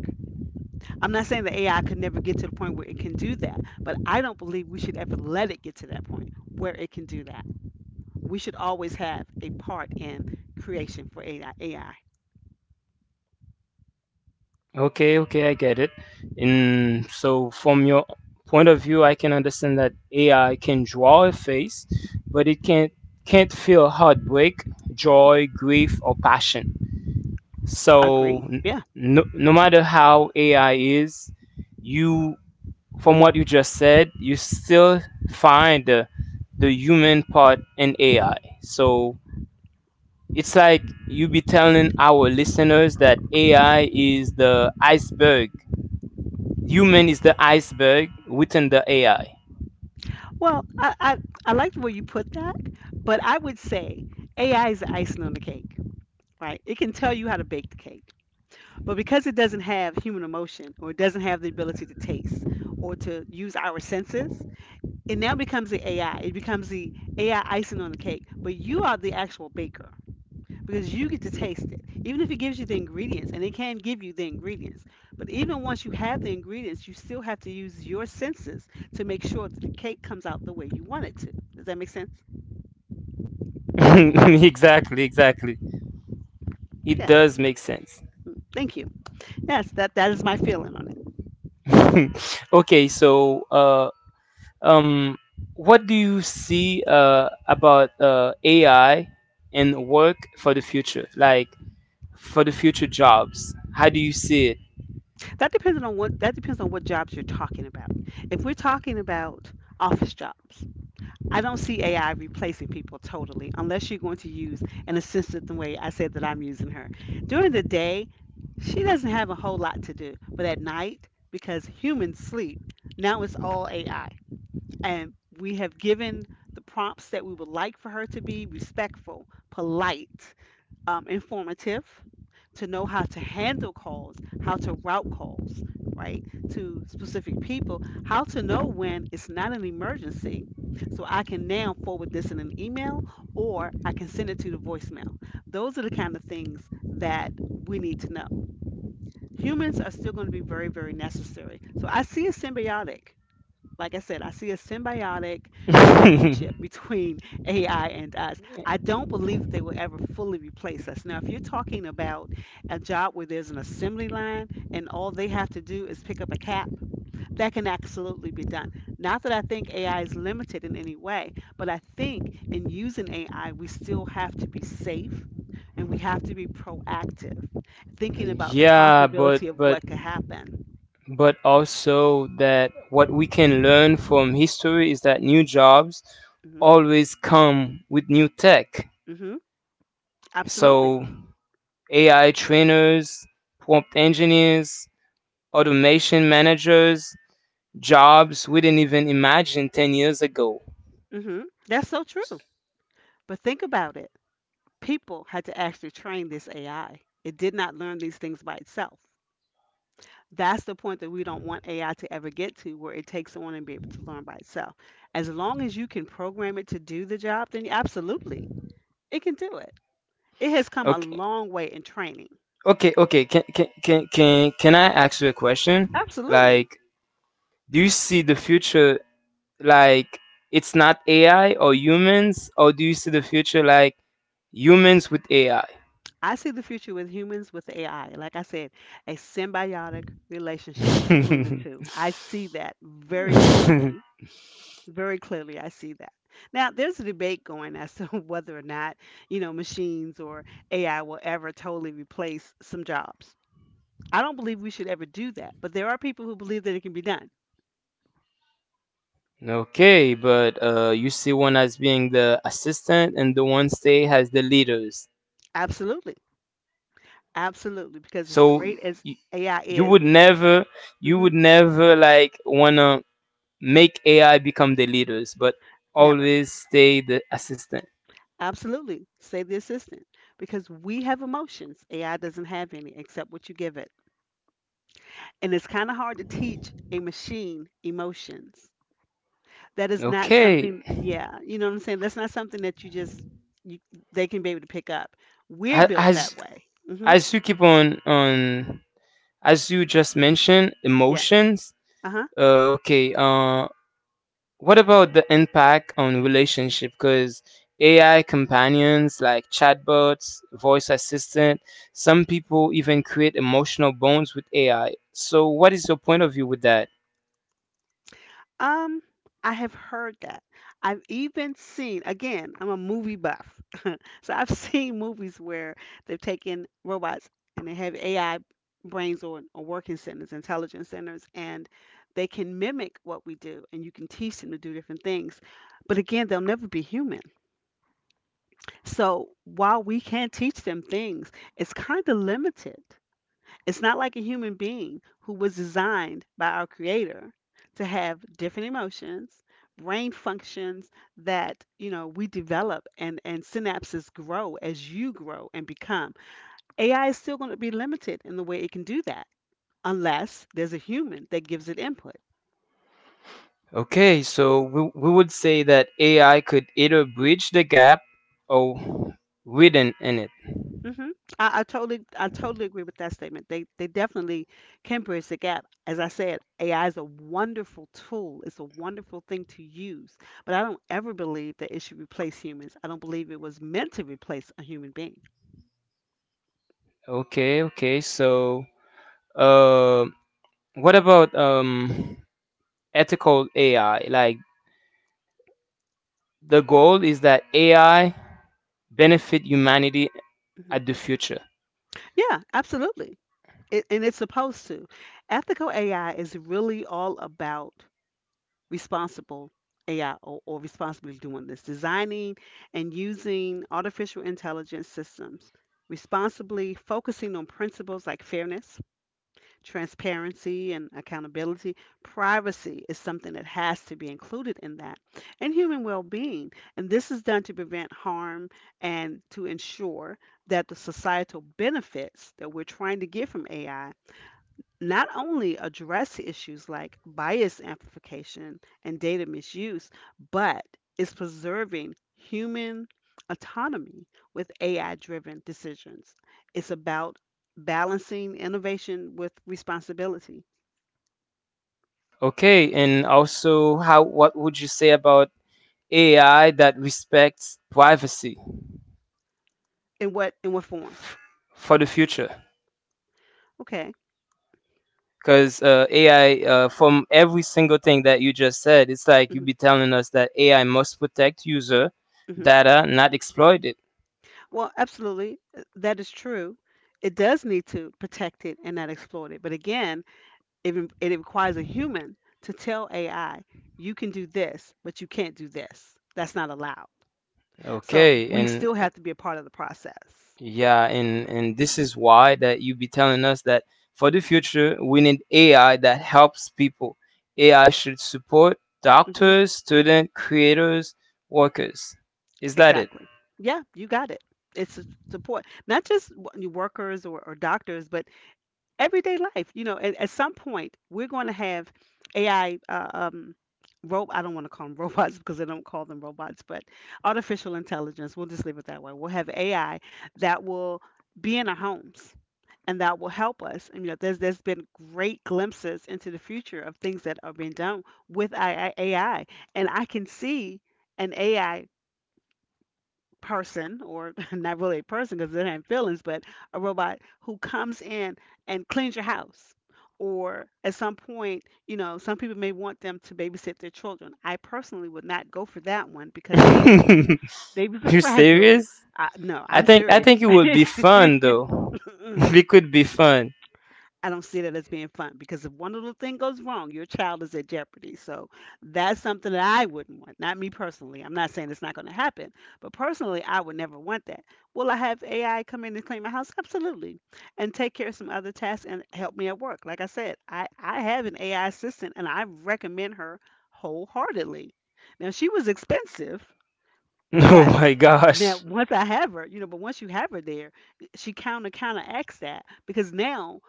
I'm not saying that AI could never get to the point where it can do that, but I don't believe we should ever let it get to that point where it can do that. We should always have a part in creation for AI. AI. Okay, okay, I get it. And so, from your point of view, I can understand that AI can draw a face, but it can't feel heartbreak, joy, grief, or passion. So, Agreed. Yeah. no, no matter how AI is, you from what you just said, you still find the human part in AI. So it's like you be telling our listeners that AI is the iceberg. Human is the iceberg within the AI. Well, I like the way you put that, but I would say AI is the icing on the cake. Right. It can tell you how to bake the cake. But because it doesn't have human emotion or it doesn't have the ability to taste or to use our senses, it now becomes the AI. It becomes the AI icing on the cake. But you are the actual baker because you get to taste it. Even if it gives you the ingredients, and it can give you the ingredients, but even once you have the ingredients, you still have to use your senses to make sure that the cake comes out the way you want it to. Does that make sense? Exactly, exactly. It Yes. does make sense. Thank you. Yes, that is my feeling on it. Okay, so um, what do you see about AI and work for the future? Like, for the future jobs? How do you see it? That depends on what jobs you're talking about. If we're talking about office jobs, I don't see AI replacing people totally unless you're going to use an assistant the way I said that I'm using her. During the day, she doesn't have a whole lot to do, but at night, because humans sleep, now it's all AI. And we have given the prompts that we would like for her to be respectful, polite, informative, to know how to handle calls, how to route calls, right, to specific people, how to know when it's not an emergency. So I can now forward this in an email or I can send it to the voicemail. Those are the kind of things that we need to know. Humans are still going to be very, very necessary. So I see it symbiotic. Like I said, I see a symbiotic relationship between AI and us. I don't believe that they will ever fully replace us. Now, if you're talking about a job where there's an assembly line and all they have to do is pick up a cap, that can absolutely be done. Not that I think AI is limited in any way, but I think in using AI, we still have to be safe and we have to be proactive, thinking about the Yeah, but possibility of but what could happen. but also that what we can learn from history is that new jobs Hmm. always come with new tech. Hmm. Absolutely. So AI trainers, prompt engineers, automation managers, jobs we didn't even imagine 10 years ago. Hmm. That's so true. But think about it. People had to actually train this AI. It did not learn these things by itself. That's the point that we don't want AI to ever get to where it takes on and be able to learn by itself. As long as you can program it to do the job, then absolutely it can do it. It has come a Okay, long way in training. okay, okay. Can I ask you a question? Absolutely. Like, do you see the future like it's not AI or humans, or do you see the future like humans with AI? I see the future with humans with AI. Like I said, a symbiotic relationship between the two. I see that very clearly. Very clearly, I see that. Now, there's a debate going as to whether or not, you know, machines or AI will ever totally replace some jobs. I don't believe we should ever do that, but there are people who believe that it can be done. Okay, but you see one as being the assistant, and the one stay has the leaders. Absolutely. Absolutely. Because as So great as you, AI you is, would never, you hmm, would never like wanna make AI become the leaders, but never. always stay the assistant. Absolutely. Say the assistant. Because we have emotions. AI doesn't have any except what you give it. And it's kind of hard to teach a machine emotions. That is not Okay, something, yeah, you know what I'm saying? That's not something that you just you, they can be able to pick up. We're Ha- built that as way. Mhm. as you keep on as you just mentioned, Yes. emotions. Uh-huh. Okay. What about the impact on relationship? Because AI companions like chatbots, voice assistant, some people even create emotional bonds with AI. So, what is your point of view with that? Um I have heard that. I've even seen, again, I'm a movie buff. So I've seen movies where they've taken robots and they have AI brains or working centers, intelligence centers, and they can mimic what we do and you can teach them to do different things. But again, they'll never be human. So while we can teach them things, it's kind of limited. It's not like a human being who was designed by our creator to have different emotions, brain functions that, you know, we develop, and synapses grow as you grow and become. AI is still going to be limited in the way it can do that unless there's a human that gives it input. Okay, so we would say that AI could either bridge the gap or widen in it. Mhm. I totally agree with that statement. They definitely can bridge the gap. As I said, AI is a wonderful tool. It's a wonderful thing to use. But I don't ever believe that it should replace humans. I don't believe it was meant to replace a human being. Okay, okay. So, uh, what about ethical AI. Like the goal is that AI benefit humanity Mhm. at the future. Yeah, absolutely. It, and it's supposed to. Ethical AI is really all about responsible AI or responsibly doing this, designing and using artificial intelligence systems responsibly, focusing on principles like fairness, transparency, and accountability. Privacy is something that has to be included in that, and human well being. And this is done to prevent harm and to ensure that the societal benefits that we're trying to get from AI not only address issues like bias amplification and data misuse, but is preserving human autonomy with AI driven decisions. It's about balancing innovation with responsibility. Okay, and also how what would you say about AI that respects privacy In what form? f- for the future? Okay. Because AI, from every single thing that you just said, it's like you Hmm. be telling us that AI must protect user Hmm. data, not exploit it. Well, absolutely. That is true. It does need to protect it and not exploit it. But again, it requires a human to tell AI, you can do this, but you can't do this. That's not allowed. So Okay, we and still have to be a part of the process. yeah, and this is why that you be telling us that for the future we need AI that helps people. AI should support Hmm. doctors, students, creators, workers. Is that it? Exactly. Yeah, you got it. It's a support, not just your workers or doctors, but everyday life. You know, at some point, we're going to have AI, rope. I don't want to call them robots because they don't call them robots, but artificial intelligence. We'll just leave it that way. We'll have AI that will be in our homes and that will help us. And, you know, there's been great glimpses into the future of things that are being done with AI, and I can see an AI person, or not really a person because they have feelings, but a robot who comes in and cleans your house. Or at some point, you know, some people may want them to babysit their children. I personally would not go for that one because babies, babies are You fragile. serious? I, no, I'm I serious. think it would be fun though. It could be fun. I don't see that as being fun because if one little thing goes wrong, your child is at jeopardy. So that's something that I wouldn't want. Not me personally. I'm not saying it's not going to happen, but personally, I would never want that. Will I have AI come in and clean my house? Absolutely. And take care of some other tasks and help me at work. Like I said, I have an AI assistant and I recommend her wholeheartedly. Now, she was expensive, Oh but my now gosh. once I have her, you know, but once you have her there, she kind of counteracts that because now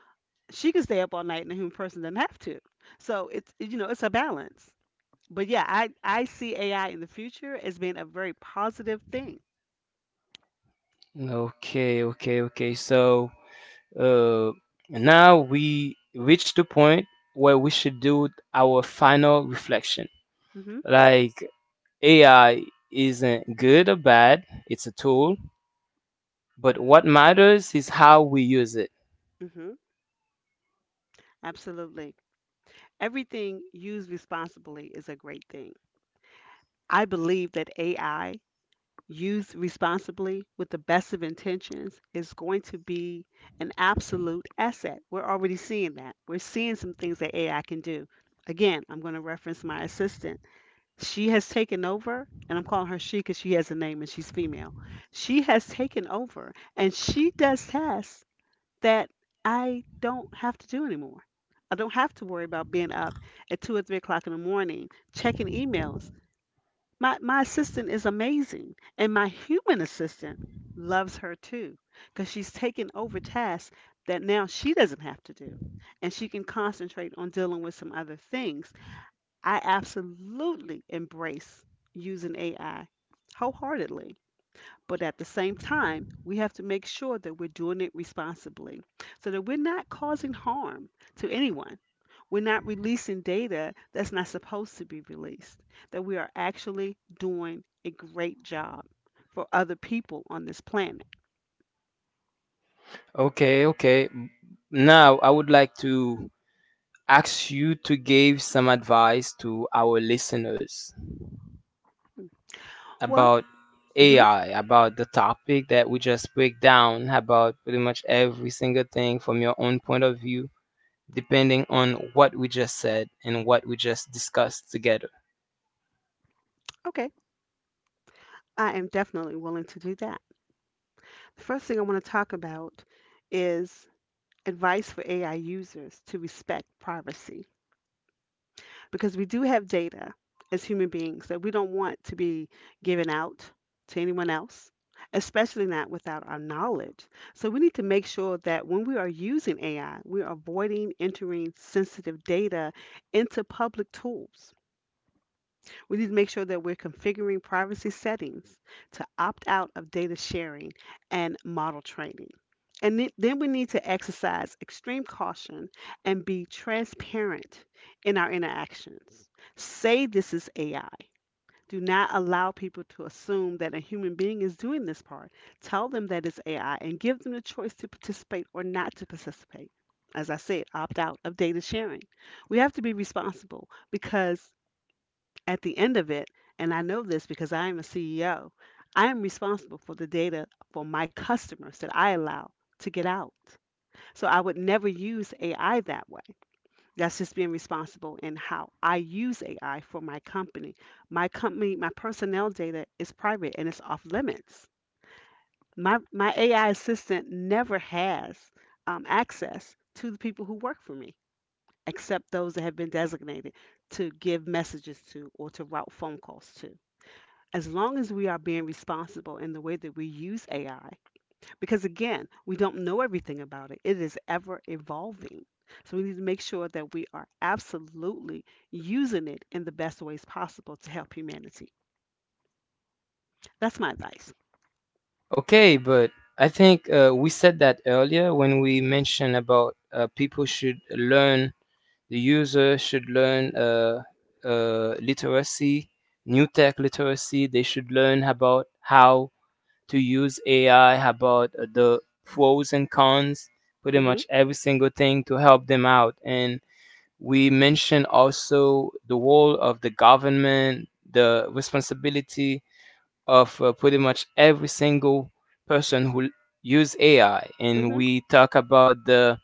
she could stay up all night and the human person doesn't have to. So it's it- you know it's a balance. But yeah, I see AI in the future as being a very positive thing. Okay, okay, okay. So, uh, now we reach the point where we should do our final reflection. Mhm. Like AI isn't good or bad, it's a tool, but what matters is how we use it. Mhm. Absolutely. Everything used responsibly is a great thing. I believe that AI used responsibly with the best of intentions is going to be an absolute asset. We're already seeing that. We're seeing some things that AI can do. Again, I'm going to reference my assistant. She has taken over, and I'm calling her she because she has a name and she's female. She has taken over and she does tasks that I don't have to do anymore. I don't have to worry about being up at 2 or 3 o'clock in the morning checking emails. My assistant is amazing, and my human assistant loves her too because she's taken over tasks that now she doesn't have to do, and she can concentrate on dealing with some other things. I absolutely embrace using AI wholeheartedly. But at the same time, we have to make sure that we're doing it responsibly so that we're not causing harm to anyone. We're not releasing data that's not supposed to be released, that we are actually doing a great job for other people on this planet. Okay, okay. Now I would like to ask you to give some advice to our listeners Well, about hmm, AI, about the topic that we just break down, about pretty much every single thing from your own point of view, depending on what we just said and what we just discussed together. okay, I am definitely willing to do that. The first thing I want to talk about is advice for AI users to respect privacy because we do have data as human beings that we don't want to be given out to anyone else, especially not without our knowledge. So we need to make sure that when we are using AI, we're avoiding entering sensitive data into public tools. We need to make sure that we're configuring privacy settings to opt out of data sharing and model training. And then we need to exercise extreme caution and be transparent in our interactions. Say this is AI. Do not allow people to assume that a human being is doing this part. Tell them that it's AI and give them the choice to participate or not to participate. As I said, opt out of data sharing. We have to be responsible because at the end of it, and I know this because I am a CEO, I am responsible for the data for my customers that I allow to get out. So I would never use AI that way. That's just being responsible in how I use AI for my company. My company, my personnel data is private and it's off limits. My AI assistant never has access to the people who work for me, except those that have been designated to give messages to or to route phone calls to as long as we are being responsible in the way that we use AI, because again, we don't know everything about it, it is ever evolving. So we need to make sure that we are absolutely using it in the best ways possible to help humanity. That's my advice. Okay, but I think we said that earlier when we mentioned about people should learn, the user should learn literacy, new tech literacy. They should learn about how to use AI, about the pros and cons, pretty Hmm. much every single thing to help them out. And we mentioned also the role of the government, the responsibility of pretty much every single person who use AI, and Hmm. we talk about the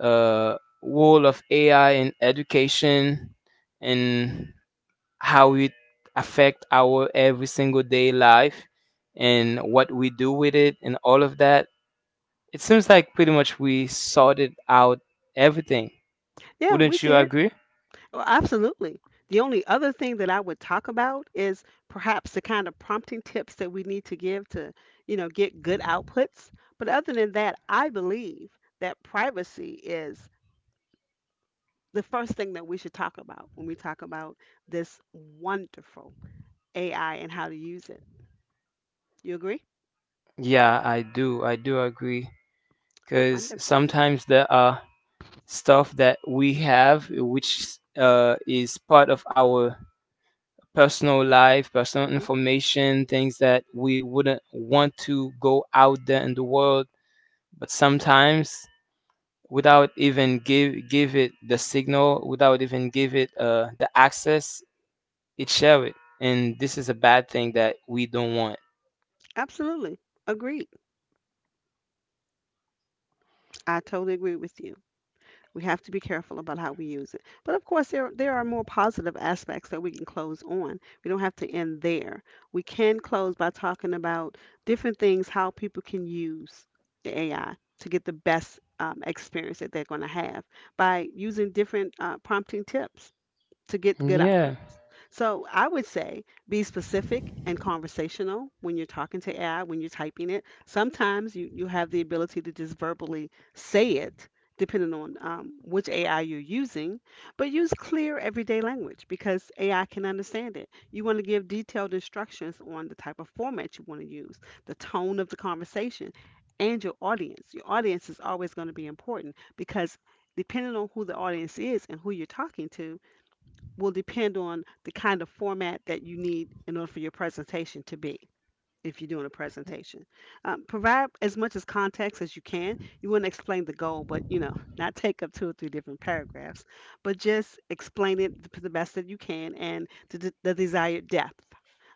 uh, role of AI in education and how it affect our every single day life and what we do with it and all of that. It seems like pretty much we sorted out everything. Yeah, we Wouldn't you did. agree? Well, absolutely. The only other thing that I would talk about is perhaps the kind of prompting tips that we need to give to, you know, get good outputs. But other than that, I believe that privacy is the first thing that we should talk about when we talk about this wonderful AI and how to use it. You agree? Yeah, I do. I do agree. Because Wonderful. sometimes there are stuff that we have, which is part of our personal life, personal Hmm. information, things that we wouldn't want to go out there in the world. But sometimes, without even give it the signal, without even give it the access, it share it, and this is a bad thing that we don't want. Absolutely. Agreed. I totally agree with you. We have to be careful about how we use it. But of course, there are more positive aspects that we can close on. We don't have to end there. We can close by talking about different things, how people can use the AI to get the best experience that they're going to have by using different prompting tips to get good Yeah, outputs. So I would say be specific and conversational when you're talking to AI, when you're typing it. Sometimes you have the ability to just verbally say it, depending on which AI you're using, but use clear everyday language because AI can understand it. You want to give detailed instructions on the type of format you want to use, the tone of the conversation, and your audience. Your audience is always going to be important because depending on who the audience is and who you're talking to, will depend on the kind of format that you need in order for your presentation to be if you're doing a presentation. Provide as much as context as you can. You want to explain the goal, but you know, not take up two or three different paragraphs, but just explain it to the best that you can and to the desired depth.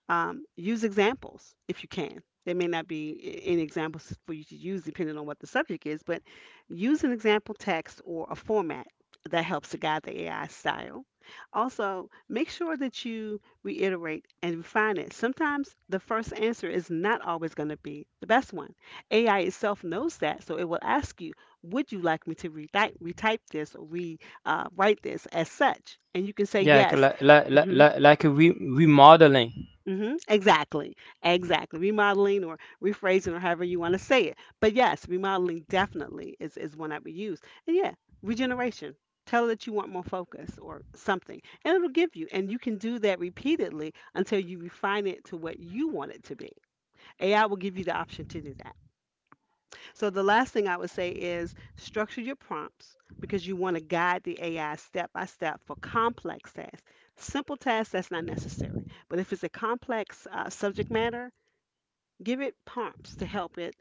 Use examples if you can. There may not be any examples for you to use depending on what the subject is, but use an example text or a format that helps to guide the AI style. Also, make sure that you reiterate and refine it. Sometimes the first answer is not always going to be the best one. AI itself knows that, so it will ask you, would you like me to retype this or write this as such? And you can say yeah, yes. Mm-hmm. Like a remodeling. Hmm. Exactly. Exactly. Remodeling or rephrasing or however you want to say it. But yes, remodeling definitely is one I would use. And yeah, regeneration. Tell it that you want more focus or something, and it'll give you. And you can do that repeatedly until you refine it to what you want it to be. AI will give you the option to do that. So the last thing I would say is structure your prompts because you want to guide the AI step by step for complex tasks. Simple tasks, that's not necessary. But if it's a complex subject matter, give it prompts to help it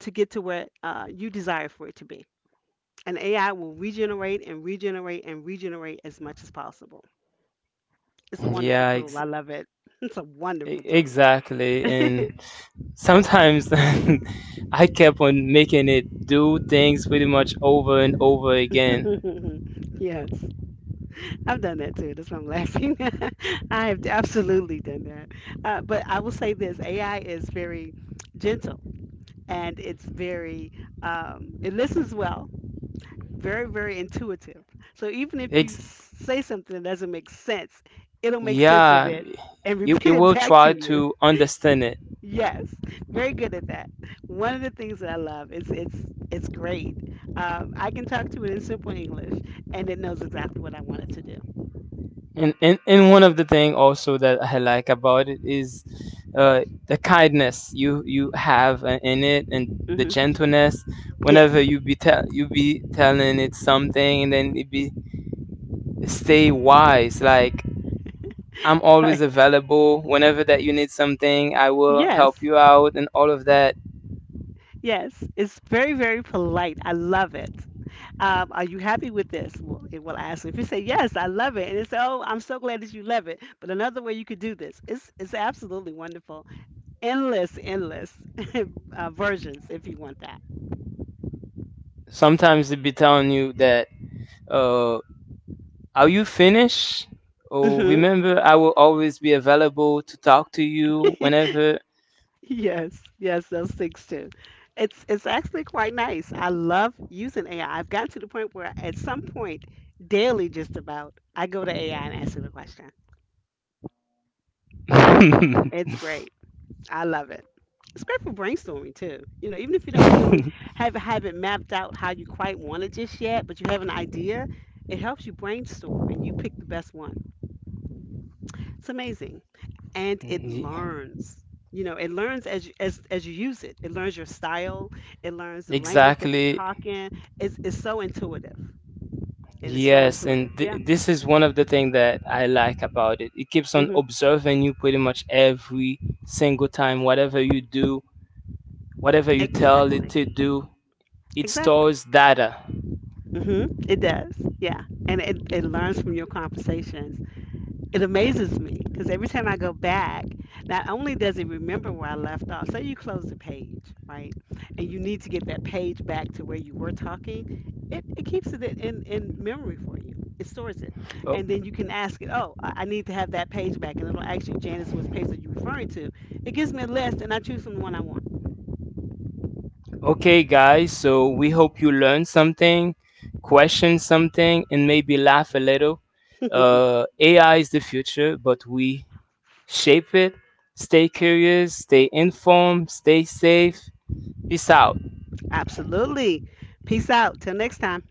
to get to where you desire for it to be. And AI will regenerate and regenerate and regenerate as much as possible. It's a wonderful Yeah, tool. I love it. It's a E- wonderful tool. exactly. And sometimes I kept on making it do things pretty much over and over again. Yes. I've done that too. That's why I'm laughing. I have absolutely done that. But I will say this: AI is very gentle, and it's very it listens well, very intuitive. So even if you Ex- say something that doesn't make sense, it'll make sense of yeah, it and it, it repeat it will back to try you. to understand it. Yes, very good at that. One of the things that I love is it's great. I can talk to it in simple English, and it knows exactly what I want it to do. And one of the thing also that I like about it is the kindness you have in it and the Hmm. gentleness. Whenever Yes. You be telling it something and then it be stay wise like I'm always Right. available whenever that you need something. I will help Yes. you out and all of that. Yes. It's very polite. I love it. Are you happy with this? Well, it will ask. If you say yes, I love it, and it's oh, I'm so glad that you love it. But another way you could do this. It's absolutely wonderful. Endless, endless versions if you want that. Sometimes they be telling you that, uh, are you finished? Oh, Hmm. remember, I will always be available to talk to you whenever. Yes, yes, those things too. It's actually quite nice. I love using AI. I've gotten to the point where at some point daily, just about, I go to AI and ask it a question. It's great. I love it. It's great for brainstorming too. You know, even if you don't really have it mapped out how you quite want it just yet, but you have an idea, it helps you brainstorm and you pick the best one. It's amazing. And it Ye- learns. You know, it learns as you, as you use it. It learns your style. It learns the language that you exactly. talk in. It's so intuitive. It is so Yes, intuitive. and Yeah. This is one of the things that I like about it. It keeps on Mhm. observing you pretty much every single time, whatever you do, whatever you tell it Exactly. to do, it Exactly. stores data. Mhm. It does. Yeah. And it learns from your conversation. It amazes me because every time I go back, not only does it remember where I left off, say you close the page, right? And you need to get that page back to where you were talking, it keeps it in memory for you. It stores it. O- And then you can ask it, oh, I need to have that page back. And it'll ask you, Janice, which page are you referring to? It gives me a list and I choose from the one I want. Okay, guys, so we hope you learned something, question something, and maybe laugh a little. AI is the future, but we shape it. Stay curious, stay informed, stay safe. Peace out. Absolutely. Peace out. Till next time.